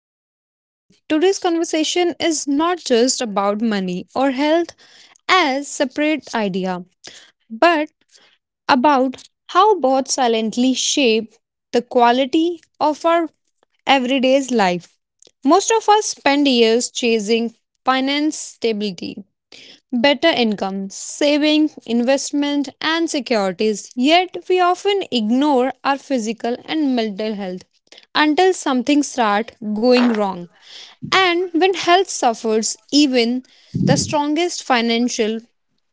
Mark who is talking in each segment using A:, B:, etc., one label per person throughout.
A: to this episode. Today's conversation is not just about money or health as separate idea, but about how both silently shape the quality of our everyday's life. Most of us spend years chasing finance stability, better income, saving, investment, and securities. Yet, we often ignore our physical and mental health until something starts going wrong. And when health suffers, even the strongest financial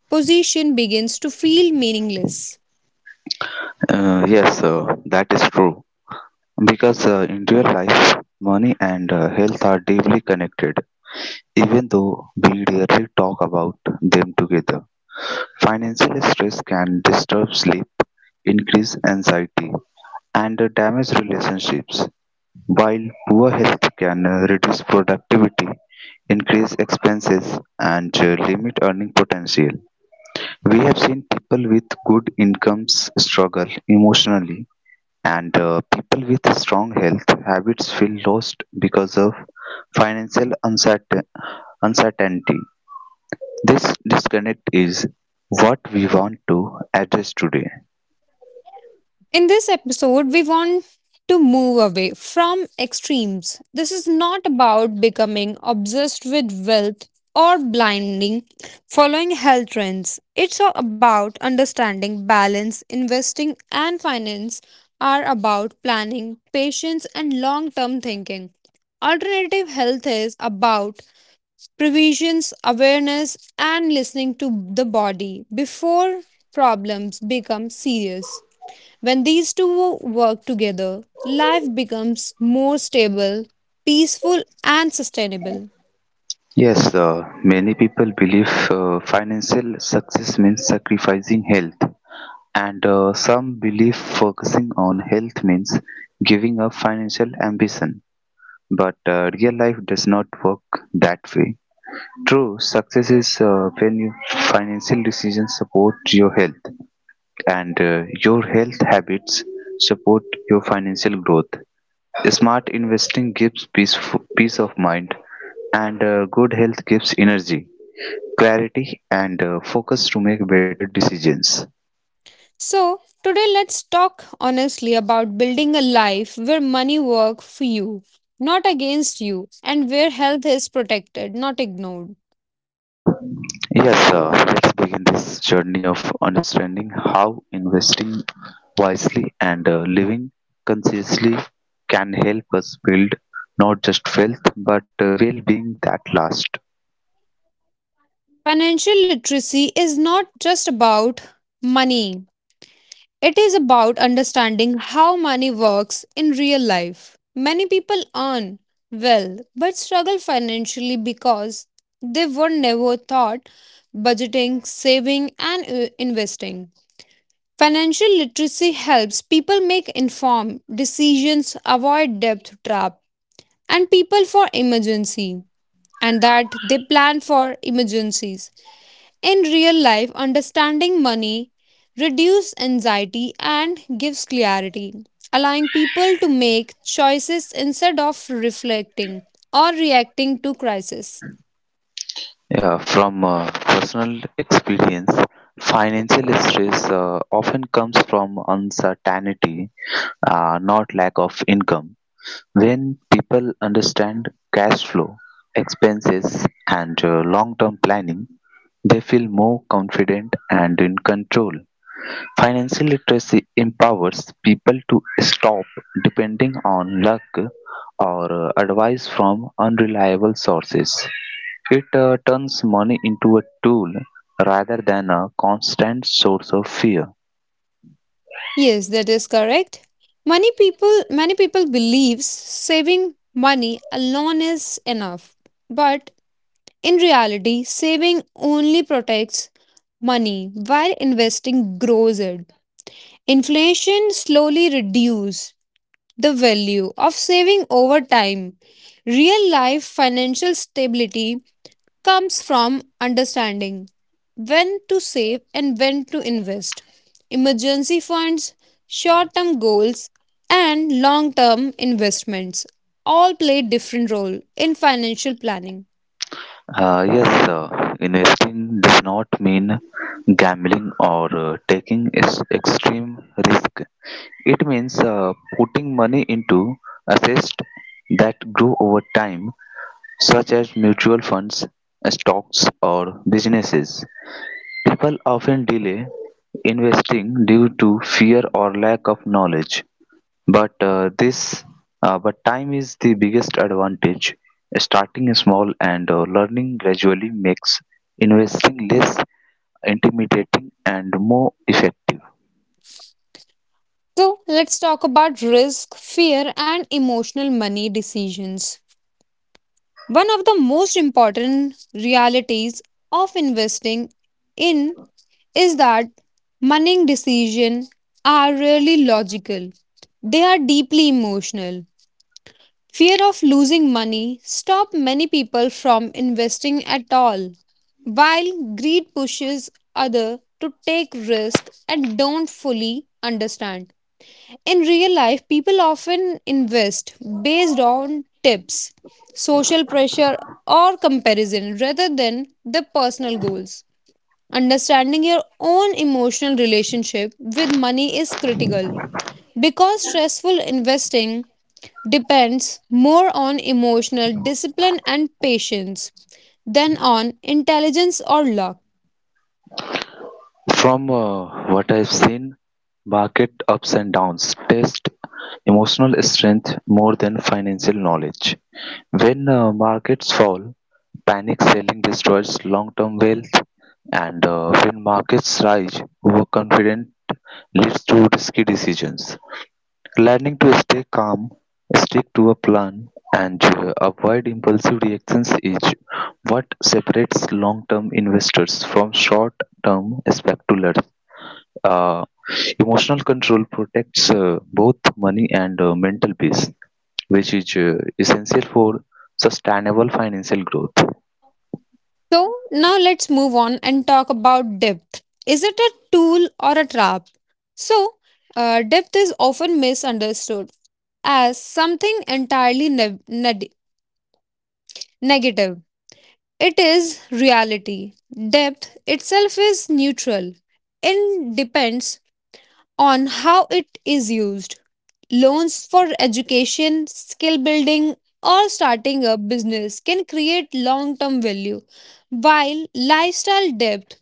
A: position begins to feel meaningless.
B: Yes, that is true. Because in real life, money and health are deeply connected, even though we rarely talk about them together. Financial stress can disturb sleep, increase anxiety, and damage relationships, while poor health can reduce productivity, increase expenses, and limit earning potential. We have seen people with good incomes struggle emotionally. And people with strong health habits feel lost because of financial uncertain- uncertainty. This disconnect is what we want to address today.
A: In this episode, we want to move away from extremes. This is not about becoming obsessed with wealth or blinding following health trends. It's about understanding balance, investing, and finance are about planning, patience, and long term thinking. Alternative health is about previsions, awareness, and listening to the body before problems become serious. When these two work together, life becomes more stable, peaceful, and sustainable.
B: Yes, many people believe financial success means sacrificing health, and some believe focusing on health means giving up financial ambition. But real life does not work that way. True success is when your financial decisions support your health and your health habits support your financial growth. Smart investing gives peace of mind, and good health gives energy, clarity, and focus to make better decisions.
A: So, today let's talk honestly about building a life where money works for you, not against you, and where health is protected, not ignored.
B: Yes, let's begin this journey of understanding how investing wisely and living consciously can help us build not just wealth but well being that lasts.
A: Financial literacy is not just about money. It is about understanding how money works in real life. Many people earn well but struggle financially because they were never taught budgeting, saving, and investing. Financial literacy helps people make informed decisions, avoid debt trap, and people for emergency, and that they plan for emergencies. In real life, understanding money reduces anxiety and gives clarity, allowing people to make choices instead of reflecting or reacting to crisis.
B: Yeah, from personal experience, financial stress often comes from uncertainty, not lack of income. When people understand cash flow, expenses, and long-term planning, they feel more confident and in control. Financial literacy empowers people to stop depending on luck or advice from unreliable sources. It turns money into a tool rather than a constant source of fear.
A: Yes, that is correct. Many people believes saving money alone is enough. But in reality, saving only protects money while investing grows it. Inflation slowly reduces the value of saving over time. Real life financial stability comes from understanding when to save and when to invest. Emergency funds, short term goals, and long term investments all play different role in financial planning.
B: Yes, sir. Investing does not mean gambling or taking extreme risk. It means putting money into assets that grow over time, such as mutual funds, stocks, or businesses. People often delay investing due to fear or lack of knowledge, but uh, this but time is the biggest advantage. Starting small and learning gradually makes investing less intimidating and more effective.
A: So, let's talk about risk, fear, and emotional money decisions. One of the most important realities of investing in is that money decisions are rarely logical. They are deeply emotional. Fear of losing money stops many people from investing at all, while greed pushes others to take risk and don't fully understand. In real life, people often invest based on tips, social pressure, or comparison rather than their personal goals. Understanding your own emotional relationship with money is critical because stressful investing depends more on emotional discipline and patience than on intelligence or luck.
B: From what I've seen, market ups and downs test emotional strength more than financial knowledge. When markets fall, panic selling destroys long-term wealth, and when markets rise, overconfident. Leads to risky decisions. Learning to stay calm, stick to a plan, and avoid impulsive reactions is what separates long term investors from short term speculators. Uh, emotional control protects both money and mental peace, which is essential for sustainable financial growth.
A: So, now let's move on and talk about depth. Is it a tool or a trap? So, depth is often misunderstood as something entirely negative. It is reality. Depth itself is neutral and depends on how it is used. Loans for education, skill building, or starting a business can create long term value, while lifestyle debt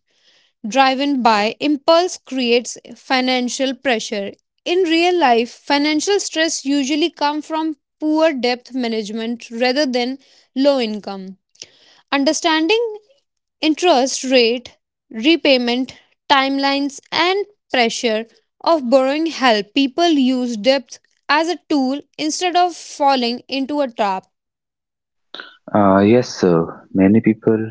A: driven by impulse creates financial pressure. In real life, financial stress usually comes from poor debt management rather than low income. Understanding interest rate, repayment timelines, and pressure of borrowing help people use debt as a tool instead of falling into a trap.
B: Yes, sir. Many people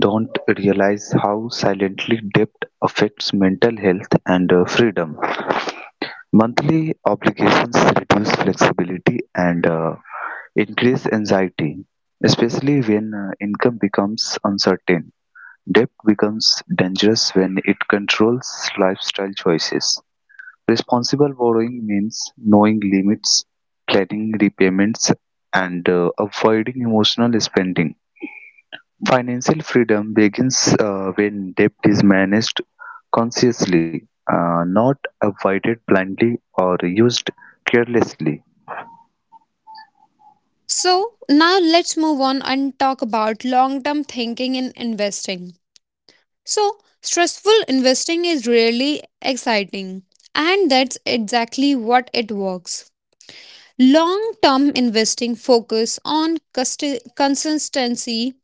B: don't realize how silently debt affects mental health and freedom. Monthly obligations reduce flexibility and increase anxiety, especially when income becomes uncertain. Debt becomes dangerous when it controls lifestyle choices. Responsible borrowing means knowing limits, planning repayments, and avoiding emotional spending. Financial freedom begins when debt is managed consciously, not avoided blindly or used carelessly.
A: So, now let's move on and talk about long term thinking in investing. So, stressful investing is really exciting, and that's exactly what it works. Long term investing focus on consistency,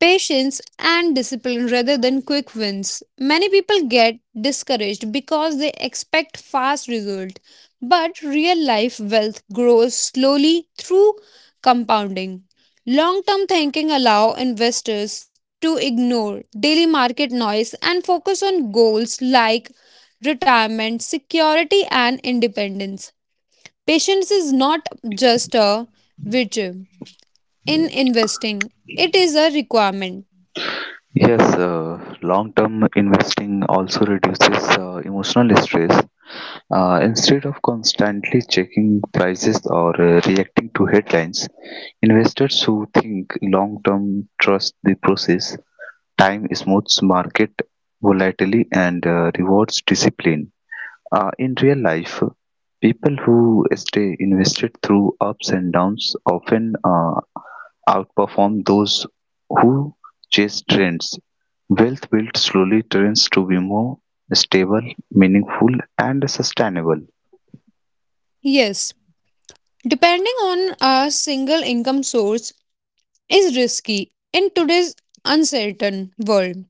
A: patience and discipline rather than quick wins. Many people get discouraged because they expect fast results, but real life wealth grows slowly through compounding. Long term thinking allows investors to ignore daily market noise and focus on goals like retirement, security, and independence. Patience is not just a virtue in investing, it is a requirement.
B: Yes, long term investing also reduces emotional stress. Instead of constantly checking prices or reacting to headlines, investors who think long term trust the process. Time smooths market volatility and rewards discipline. In real life, people who stay invested through ups and downs often outperform those who chase trends. Wealth built slowly tends to be more stable, meaningful, and sustainable.
A: Yes, depending on a single income source is risky in today's uncertain world.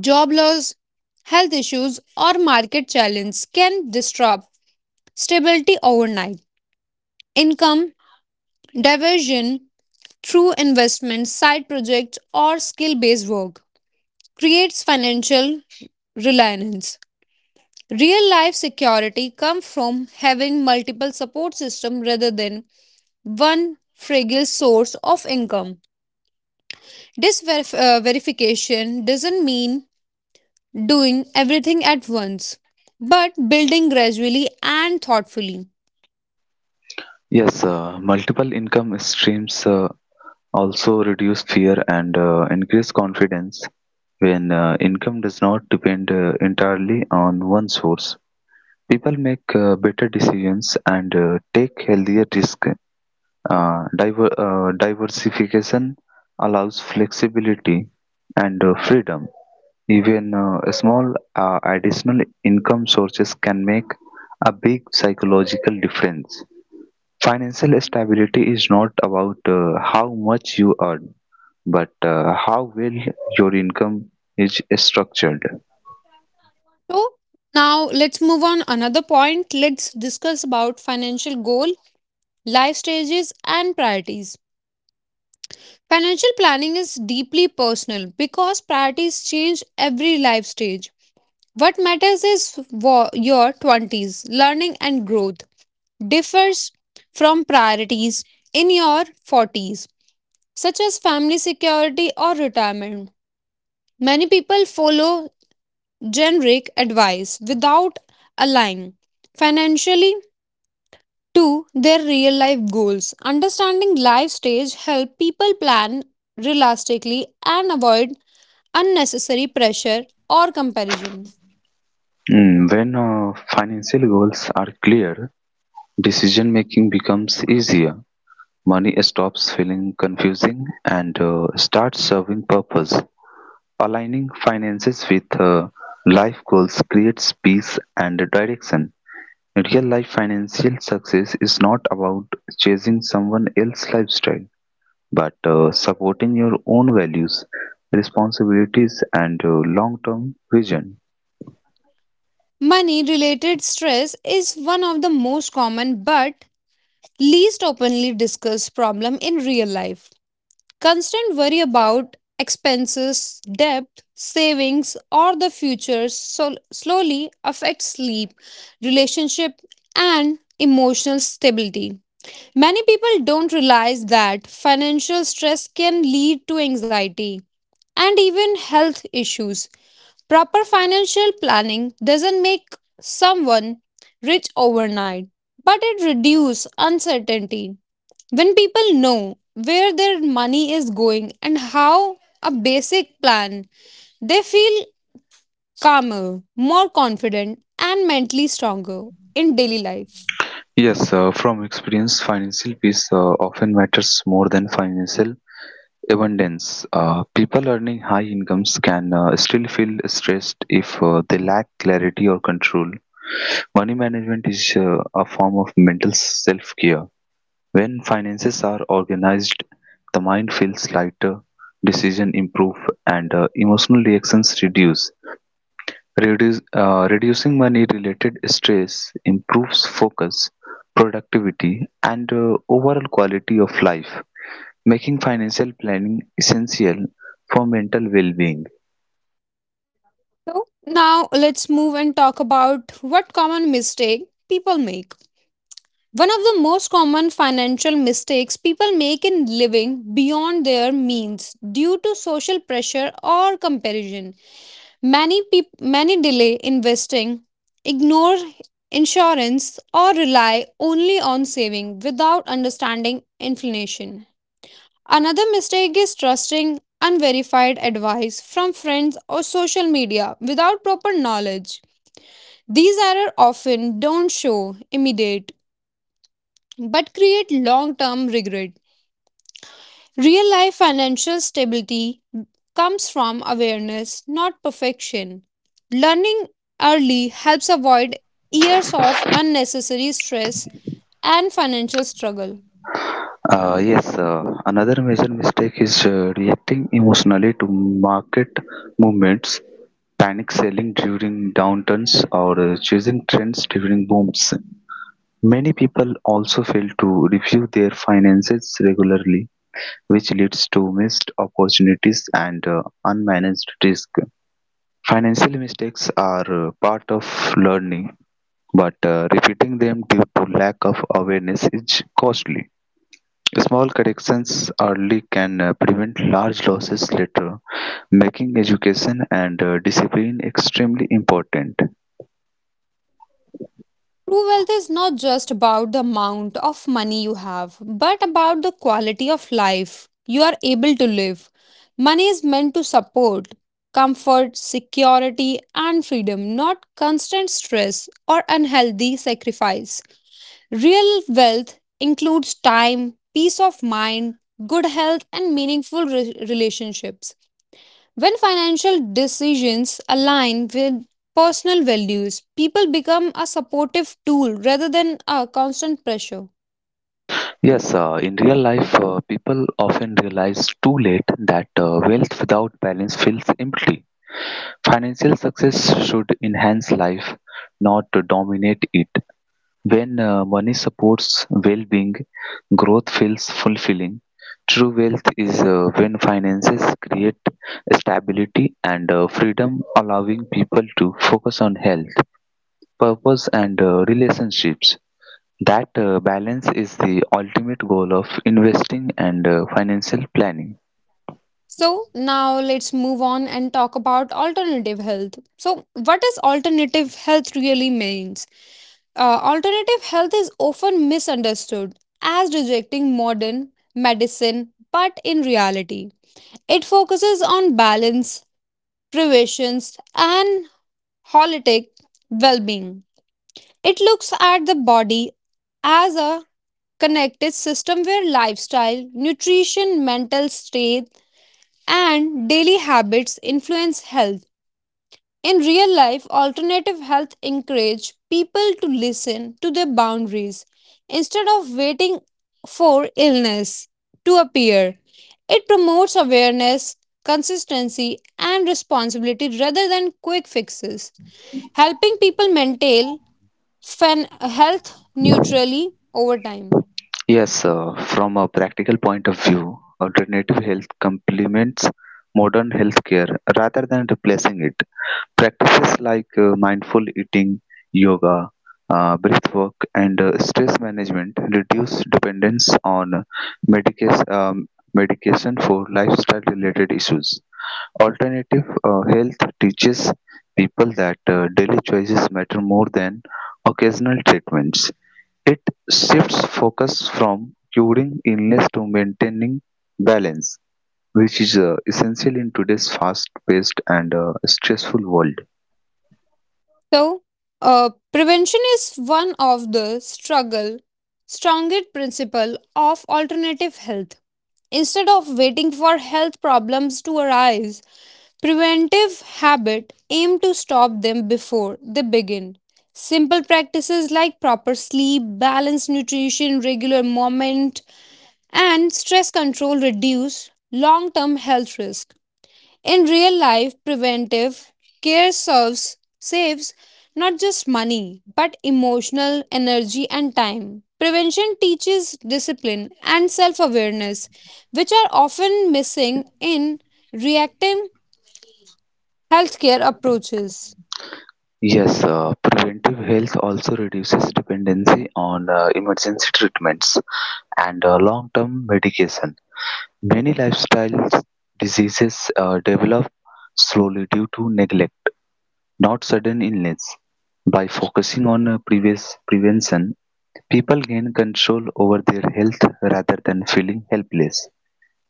A: Job loss, health issues, or market challenges can disrupt stability overnight. Income diversion through investments, side projects, or skill based work creates financial reliance. Real life security comes from having multiple support systems rather than one fragile source of income. This verification doesn't mean doing everything at once, but building gradually and thoughtfully.
B: Yes, multiple income streams also reduce fear and increase confidence. When income does not depend entirely on one source, people make better decisions and take healthier risks. Diversification allows flexibility and freedom. Even small additional income sources can make a big psychological difference. Financial stability is not about how much you earn, but how well your income is structured.
A: So now let's move on another point. Let's discuss about financial goal, life stages and priorities. Financial planning is deeply personal because priorities change every life stage. What matters is your 20s. Learning and growth differs from priorities in your 40s, such as family security or retirement. Many people follow generic advice without aligning financially to their real life goals. Understanding life stage help people plan realistically and avoid unnecessary pressure or comparison.
B: Mm, when financial goals are clear, decision-making becomes easier, money stops feeling confusing, and starts serving purpose. Aligning finances with life goals creates peace and direction. Real life financial success is not about chasing someone else's lifestyle, but supporting your own values, responsibilities, and long term vision.
A: Money related stress is one of the most common but least openly discussed problem in real life. Constant worry about expenses, debt, savings or the future so slowly affects sleep, relationship and emotional stability. Many people don't realize that financial stress can lead to anxiety and even health issues. Proper financial planning doesn't make someone rich overnight, but it reduces uncertainty. When people know where their money is going and how a basic plan, they feel calmer, more confident, and mentally stronger in daily life.
B: Yes, from experience, financial peace often matters more than financial abundance. People earning high incomes can still feel stressed if they lack clarity or control. Money management is a form of mental self care. When finances are organized, the mind feels lighter, decision improve, and emotional reactions reduce. Reducing money related stress improves focus, productivity, and overall quality of life, making financial planning essential for mental well-being.
A: So, now let's move and talk about what common mistake people make. One of the most common financial mistakes people make in living beyond their means due to social pressure or comparison. Many delay investing, ignore insurance or rely only on saving without understanding inflation. Another mistake is trusting unverified advice from friends or social media without proper knowledge. These errors often don't show immediate but create long term regret. Real life financial stability comes from awareness, not perfection. Learning early helps avoid years of unnecessary stress and financial struggle.
B: Yes, another major mistake is reacting emotionally to market movements, panic selling during downturns, or choosing trends during booms. Many people also fail to review their finances regularly, which leads to missed opportunities and unmanaged risk. Financial mistakes are part of learning, but repeating them due to lack of awareness is costly. Small corrections early can prevent large losses later, making education and discipline extremely important.
A: True wealth is not just about the amount of money you have, but about the quality of life you are able to live. Money is meant to support comfort, security, and freedom, not constant stress or unhealthy sacrifice. Real wealth includes time, peace of mind, good health, and meaningful relationships. When financial decisions align with personal values, people become a supportive tool rather than a constant pressure.
B: Yes, in real life, people often realize too late that wealth without balance feels empty. Financial success should enhance life, not to dominate it. When money supports well-being, growth feels fulfilling. True wealth is when finances create stability and freedom, allowing people to focus on health, purpose, and relationships. That balance is the ultimate goal of investing and financial planning.
A: So, now let's move on and talk about alternative health. So, what is alternative health really means? Alternative health is often misunderstood as rejecting modern medicine, but in reality, it focuses on balance, prevention, and holistic well being. It looks at the body as a connected system where lifestyle, nutrition, mental state, and daily habits influence health. In real life, alternative health encourage people to listen to their boundaries instead of waiting for illness to appear. It promotes awareness, consistency, and responsibility rather than quick fixes, helping people maintain health neutrally over time.
B: Yes, from a practical point of view, alternative health complements modern healthcare rather than replacing it. Practices like mindful eating, yoga, breath work, and stress management reduce dependence on medication, um, medication for lifestyle related issues. Alternative health teaches people that daily choices matter more than occasional treatments. It shifts focus from curing illness to maintaining balance, which is essential in today's fast paced and stressful world.
A: So, prevention is one of the struggle strongest principle of alternative health. Instead of waiting for health problems to arise, preventive habit aim to stop them before they begin. Simple practices like proper sleep, balanced nutrition, regular movement, and stress control reduce long-term health risk. In real life, preventive care serves saves not just money but emotional energy and time. Prevention teaches discipline and self-awareness, which are often missing in reactive healthcare approaches.
B: Yes, preventive health also reduces dependency on emergency treatments and long term medication. Many lifestyle diseases develop slowly due to neglect, not sudden illness. By focusing on previous prevention, people gain control over their health rather than feeling helpless.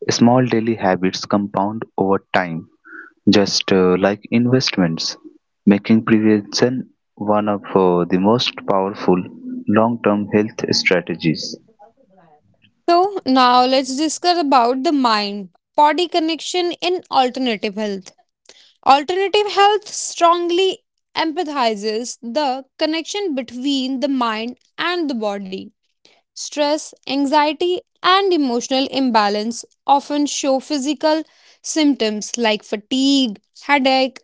B: Small daily habits compound over time, just like investments, making prevention one of the most powerful long term health strategies.
A: So now let's discuss about the mind body connection in alternative health. Alternative health strongly empathizes the connection between the mind and the body. Stress, anxiety, and emotional imbalance often show physical symptoms like fatigue, headache,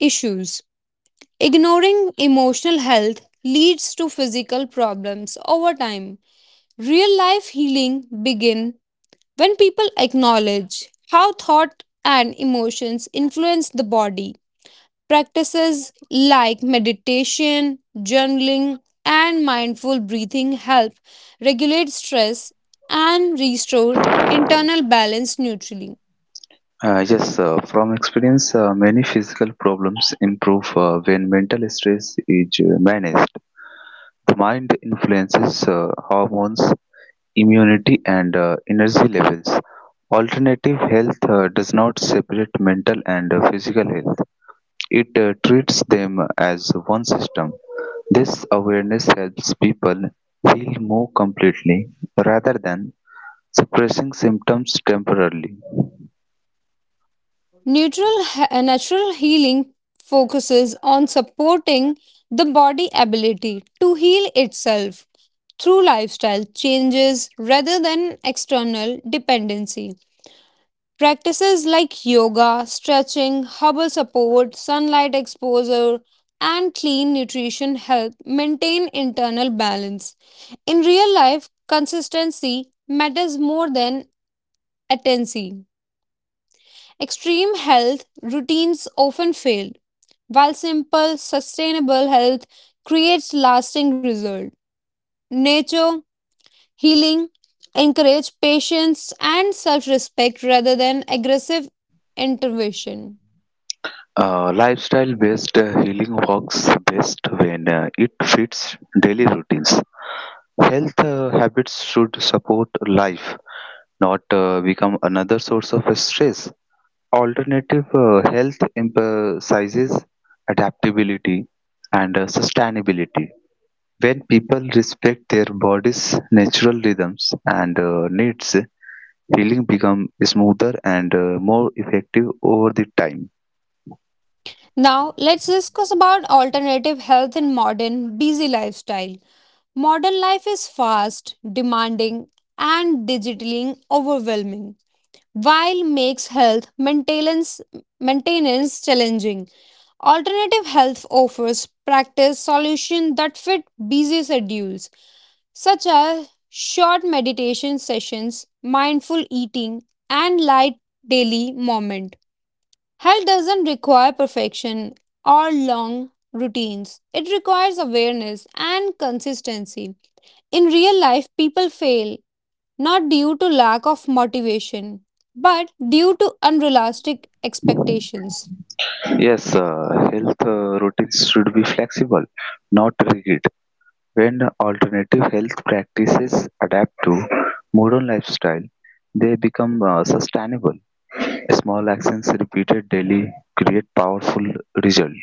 A: issues. Ignoring emotional health leads to physical problems over time. Real life healing begin when people acknowledge how thought and emotions influence the body. Practices like meditation, journaling, and mindful breathing help regulate stress and restore internal balance neutrally.
B: Yes, from experience, many physical problems improve when mental stress is managed. The mind influences hormones, immunity, and energy levels. Alternative health does not separate mental and physical health. It treats them as one system; this awareness helps people heal more completely rather than suppressing symptoms temporarily.
A: Neutral, natural healing focuses on supporting the body ability to heal itself through lifestyle changes rather than external dependency. Practices like yoga, stretching, herbal support, sunlight exposure, and clean nutrition help maintain internal balance. In real life, consistency matters more than attention. Extreme health routines often fail, while simple, sustainable health creates lasting results. Nature, healing, encourage patience and self respect rather than aggressive intervention.
B: Lifestyle-based healing works best when it fits daily routines. Health habits should support life, not become another source of stress. Alternative health emphasizes adaptability and sustainability. When people respect their body's natural rhythms and needs, healing becomes smoother and more effective over the time.
A: Now, let's discuss about alternative health in modern busy lifestyle. Modern life is fast, demanding, and digitally overwhelming, while makes health maintenance challenging. Alternative health offers practice solutions that fit busy schedules, such as short meditation sessions, mindful eating, and light daily movement. Health doesn't require perfection or long routines, it requires awareness and consistency. In real life, people fail not due to lack of motivation, but due to unrealistic expectations.
B: Yes, health routines should be flexible, not rigid. When alternative health practices adapt to modern lifestyle, they become sustainable. Small actions repeated daily create powerful results.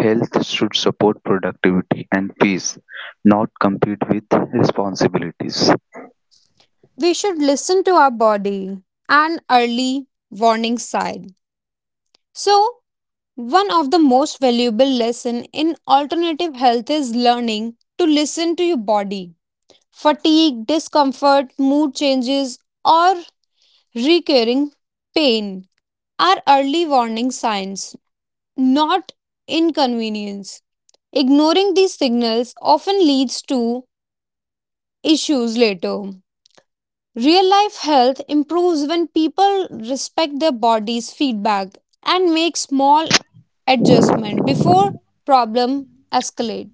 B: Health should support productivity and peace, not compete with responsibilities.
A: We should listen to our body and early warning sign. So, one of the most valuable lesson in alternative health is learning to listen to your body. Fatigue, discomfort, mood changes, or recurring pain are early warning signs, not inconvenience. Ignoring these signals often leads to issues later. Real life health improves when people respect their body's feedback and make small adjustment before problem escalate.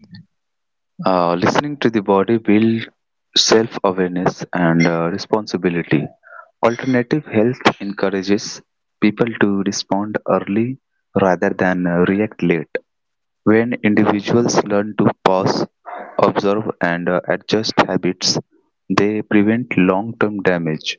B: Listening to the body builds self awareness and responsibility. Alternative health encourages people to respond early rather than react late. When individuals learn to pause, observe, and adjust habits, they prevent long term damage.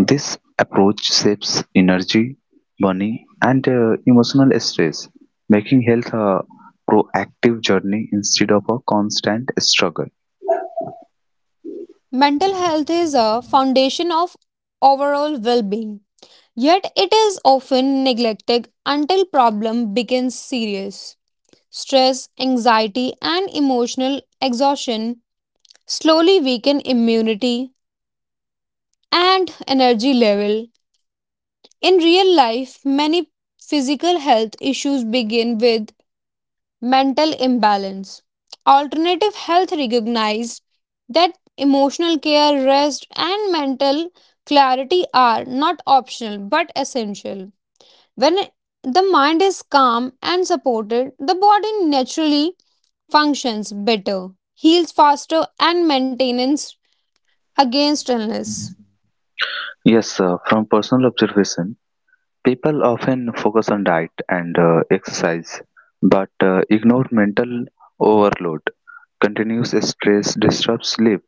B: This approach saves energy, money, and emotional stress, making health a proactive journey instead of a constant struggle.
A: Mental health is a foundation of overall well-being. Yet it is often neglected until problem becomes serious. Stress, anxiety and emotional exhaustion slowly weaken immunity and energy level. In real life, many physical health issues begin with mental imbalance. Alternative health recognize that emotional care, rest and mental clarity are not optional but essential. When the mind is calm and supported, the body naturally functions better, heals faster, and maintains against illness.
B: Yes, from personal observation, people often focus on diet and exercise but ignore mental overload. Continuous stress disrupts sleep,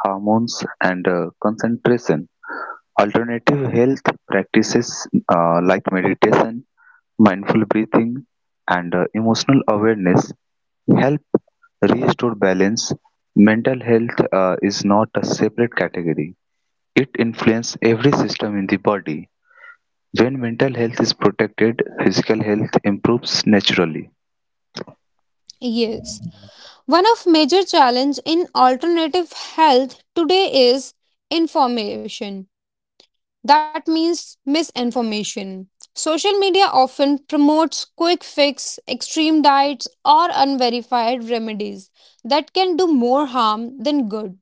B: hormones, and concentration. Alternative health practices like meditation, mindful breathing, and emotional awareness help restore balance. Mental health is not a separate category; it influences every system in the body. When mental health is protected, physical health improves naturally.
A: Yes. One of major challenge in alternative health today is information. That means misinformation. Social media often promotes quick fix, extreme diets, or unverified remedies that can do more harm than good.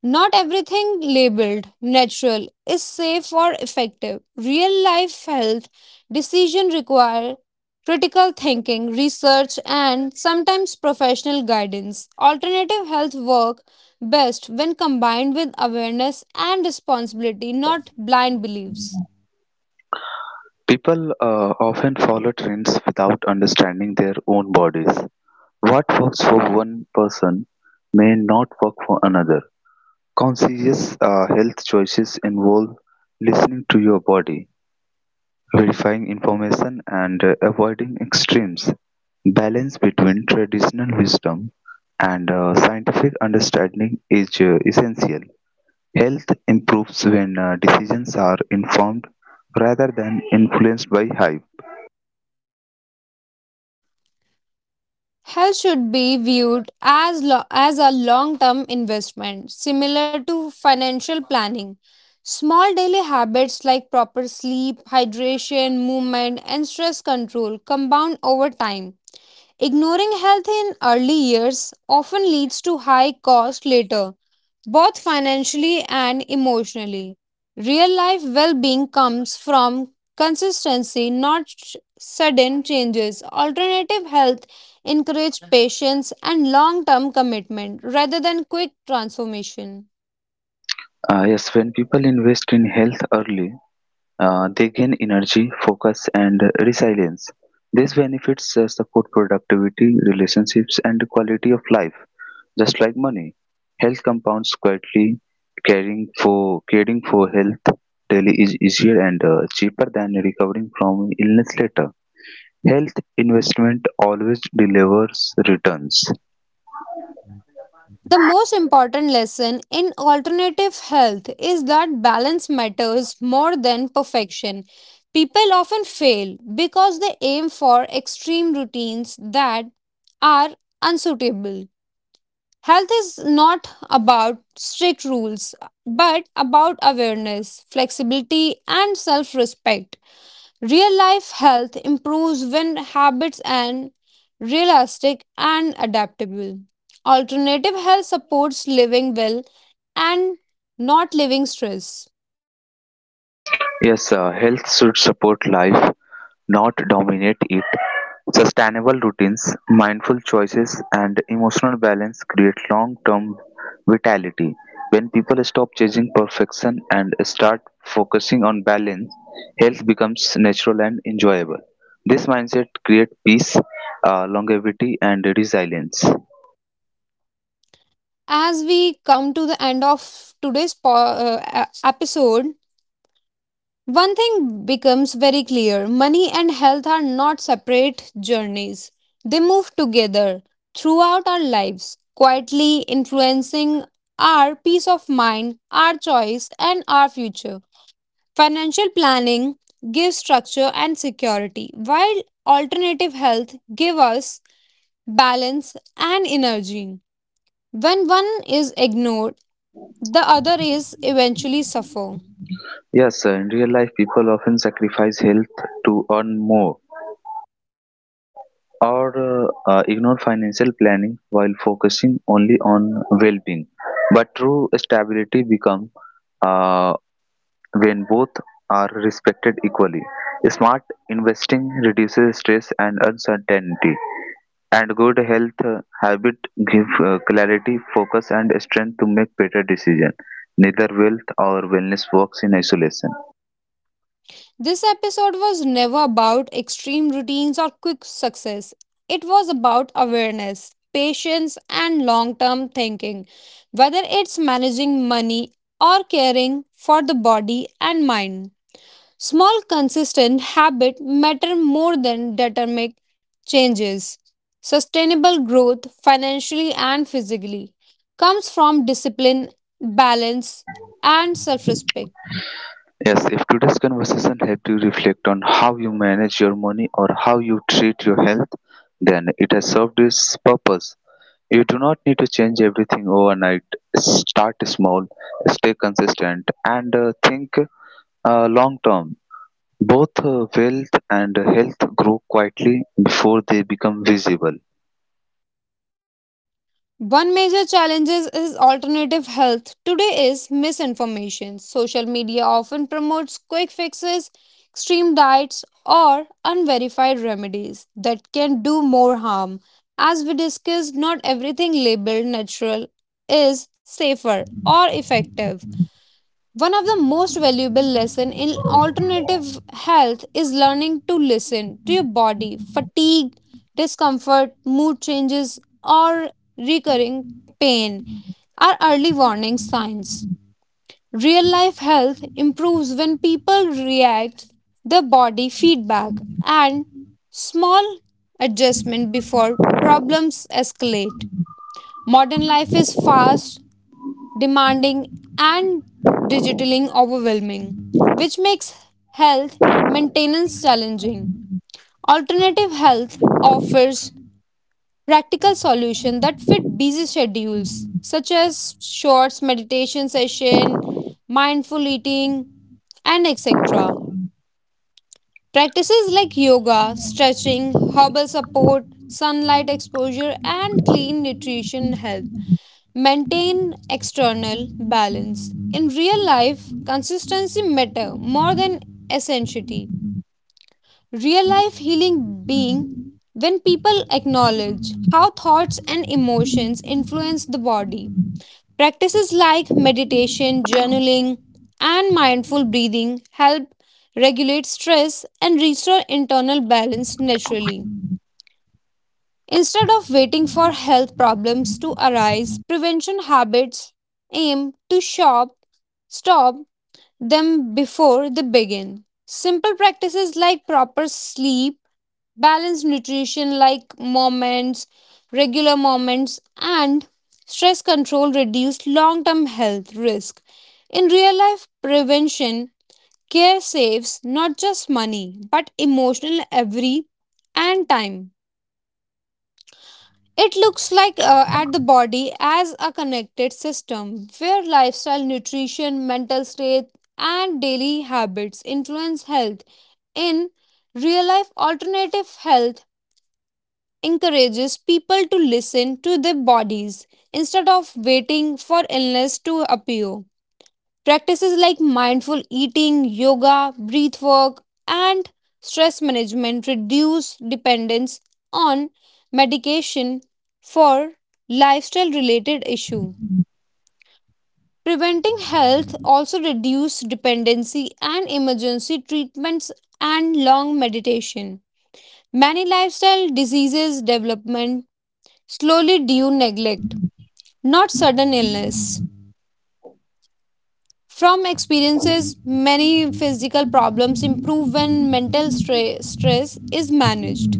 A: Not everything labeled natural is safe or effective. Real life health decisions require critical thinking, research, and sometimes professional guidance. Alternative health work best when combined with awareness and responsibility, not blind beliefs.
B: People often follow trends without understanding their own bodies. What works for one person may not work for another. Conscious health choices involve listening to your body, verifying information, and avoiding extremes. Balance between traditional wisdom and scientific understanding is essential. Health improves when decisions are informed rather than influenced by hype.
A: Health should be viewed as, as a long term investment, similar to financial planning. Small daily habits like proper sleep, hydration, movement, and stress control compound over time. Ignoring health in early years often leads to high cost later, both financially and emotionally. Real life well being comes from consistency, not sudden changes. Alternative health encourage patience and long term commitment rather than quick transformation.
B: Yes, when people invest in health early, they gain energy, focus, and resilience. These benefits support productivity, relationships, and quality of life, just like money. Health compounds quietly. Caring for health daily is easier and cheaper than recovering from illness later. Health investment always delivers returns.
A: The most important lesson in alternative health is that balance matters more than perfection. People often fail because they aim for extreme routines that are unsuitable. Health is not about strict rules, but about awareness, flexibility, and self respect. Real life health improves when habits and realistic and adaptable. Alternative health supports living well and not living stress.
B: Yes, health should support life, not dominate it. Sustainable routines, mindful choices, and emotional balance create long term vitality. When people stop chasing perfection and start focusing on balance, health becomes natural and enjoyable. This mindset creates peace, longevity, and resilience.
A: As we come to the end of today's episode, one thing becomes very clear money and health are not separate journeys. They move together throughout our lives, quietly influencing our peace of mind, our choice, and our future. Financial planning gives structure and security, while alternative health gives us balance and energy. When one is ignored, the other is eventually suffer.
B: Yes, in real life, people often sacrifice health to earn more or ignore financial planning while focusing only on well-being. But true stability becomes uh, when both are respected equally. Smart investing reduces stress and uncertainty, and good health habit give clarity, focus, and strength to make better decisions. Neither wealth or wellness works in isolation.
A: This episode was never about extreme routines or quick success. It was about awareness, patience, and long term thinking, whether it's managing money or caring for the body and mind. Small, consistent habits matter more than dramatic changes. Sustainable growth, financially and physically, comes from discipline, balance, and self respect.
B: Yes, if today's conversation helped you reflect on how you manage your money or how you treat your health, then it has served its purpose. You do not need to change everything overnight. Start small, stay consistent, and think long term. Both wealth and health grow quietly before they become visible.
A: One major challenge is alternative health. Today is misinformation. Social media often promotes quick fixes, extreme diets, or unverified remedies that can do more harm. As we discussed, not everything labeled natural is safer or effective. One of the most valuable lesson in alternative health is learning to listen to your body. Fatigue, discomfort, mood changes or recurring pain are early warning signs. Real life health improves when people react the body feedback and small adjustment before problems escalate. Modern life is fast demanding, and digitally overwhelming, which makes health maintenance challenging. Alternative health offers practical solutions that fit busy schedules, such as short meditation session, mindful eating, and etc. Practices like yoga, stretching, herbal support, sunlight exposure, and clean nutrition help maintain external balance. In real life, consistency matter more than essentiality. Real life healing being when people acknowledge how thoughts and emotions influence the body. Practices like meditation, journaling, and mindful breathing help regulate stress and restore internal balance naturally. Instead of waiting for health problems to arise, prevention habits aim to stop them before they begin. Simple practices like proper sleep, balanced nutrition like moments, regular moments, and stress control reduce long term health risk. In real life prevention, care saves not just money but emotional every and time. It looks like at the body as a connected system where lifestyle, nutrition, mental state, and daily habits influence health. In real life, alternative health encourages people to listen to their bodies instead of waiting for illness to appear. Practices like mindful eating, yoga, breath work, and stress management reduce dependence on medication for lifestyle related issue. Preventing health also reduce dependency and emergency treatments and long meditation. Many lifestyle diseases development slowly due neglect, not sudden illness. From experiences, many physical problems improve when mental stress is managed.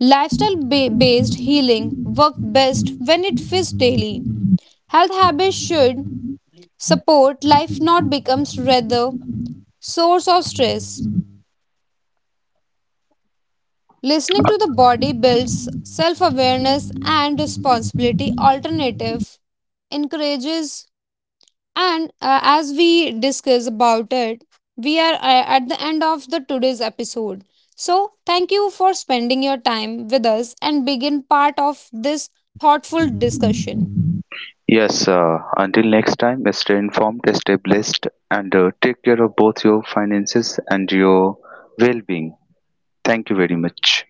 A: Lifestyle based healing works best when it fits daily. Health habits should support life, not becomes rather source of stress. Listening to the body builds self awareness and responsibility. Alternative encourages and as we discuss about it, we are at the end of the today's episode. So, thank you for spending your time with us and begin part of this thoughtful discussion.
B: Yes, until next time, stay informed, stay blessed, and take care of both your finances and your well being. Thank you very much.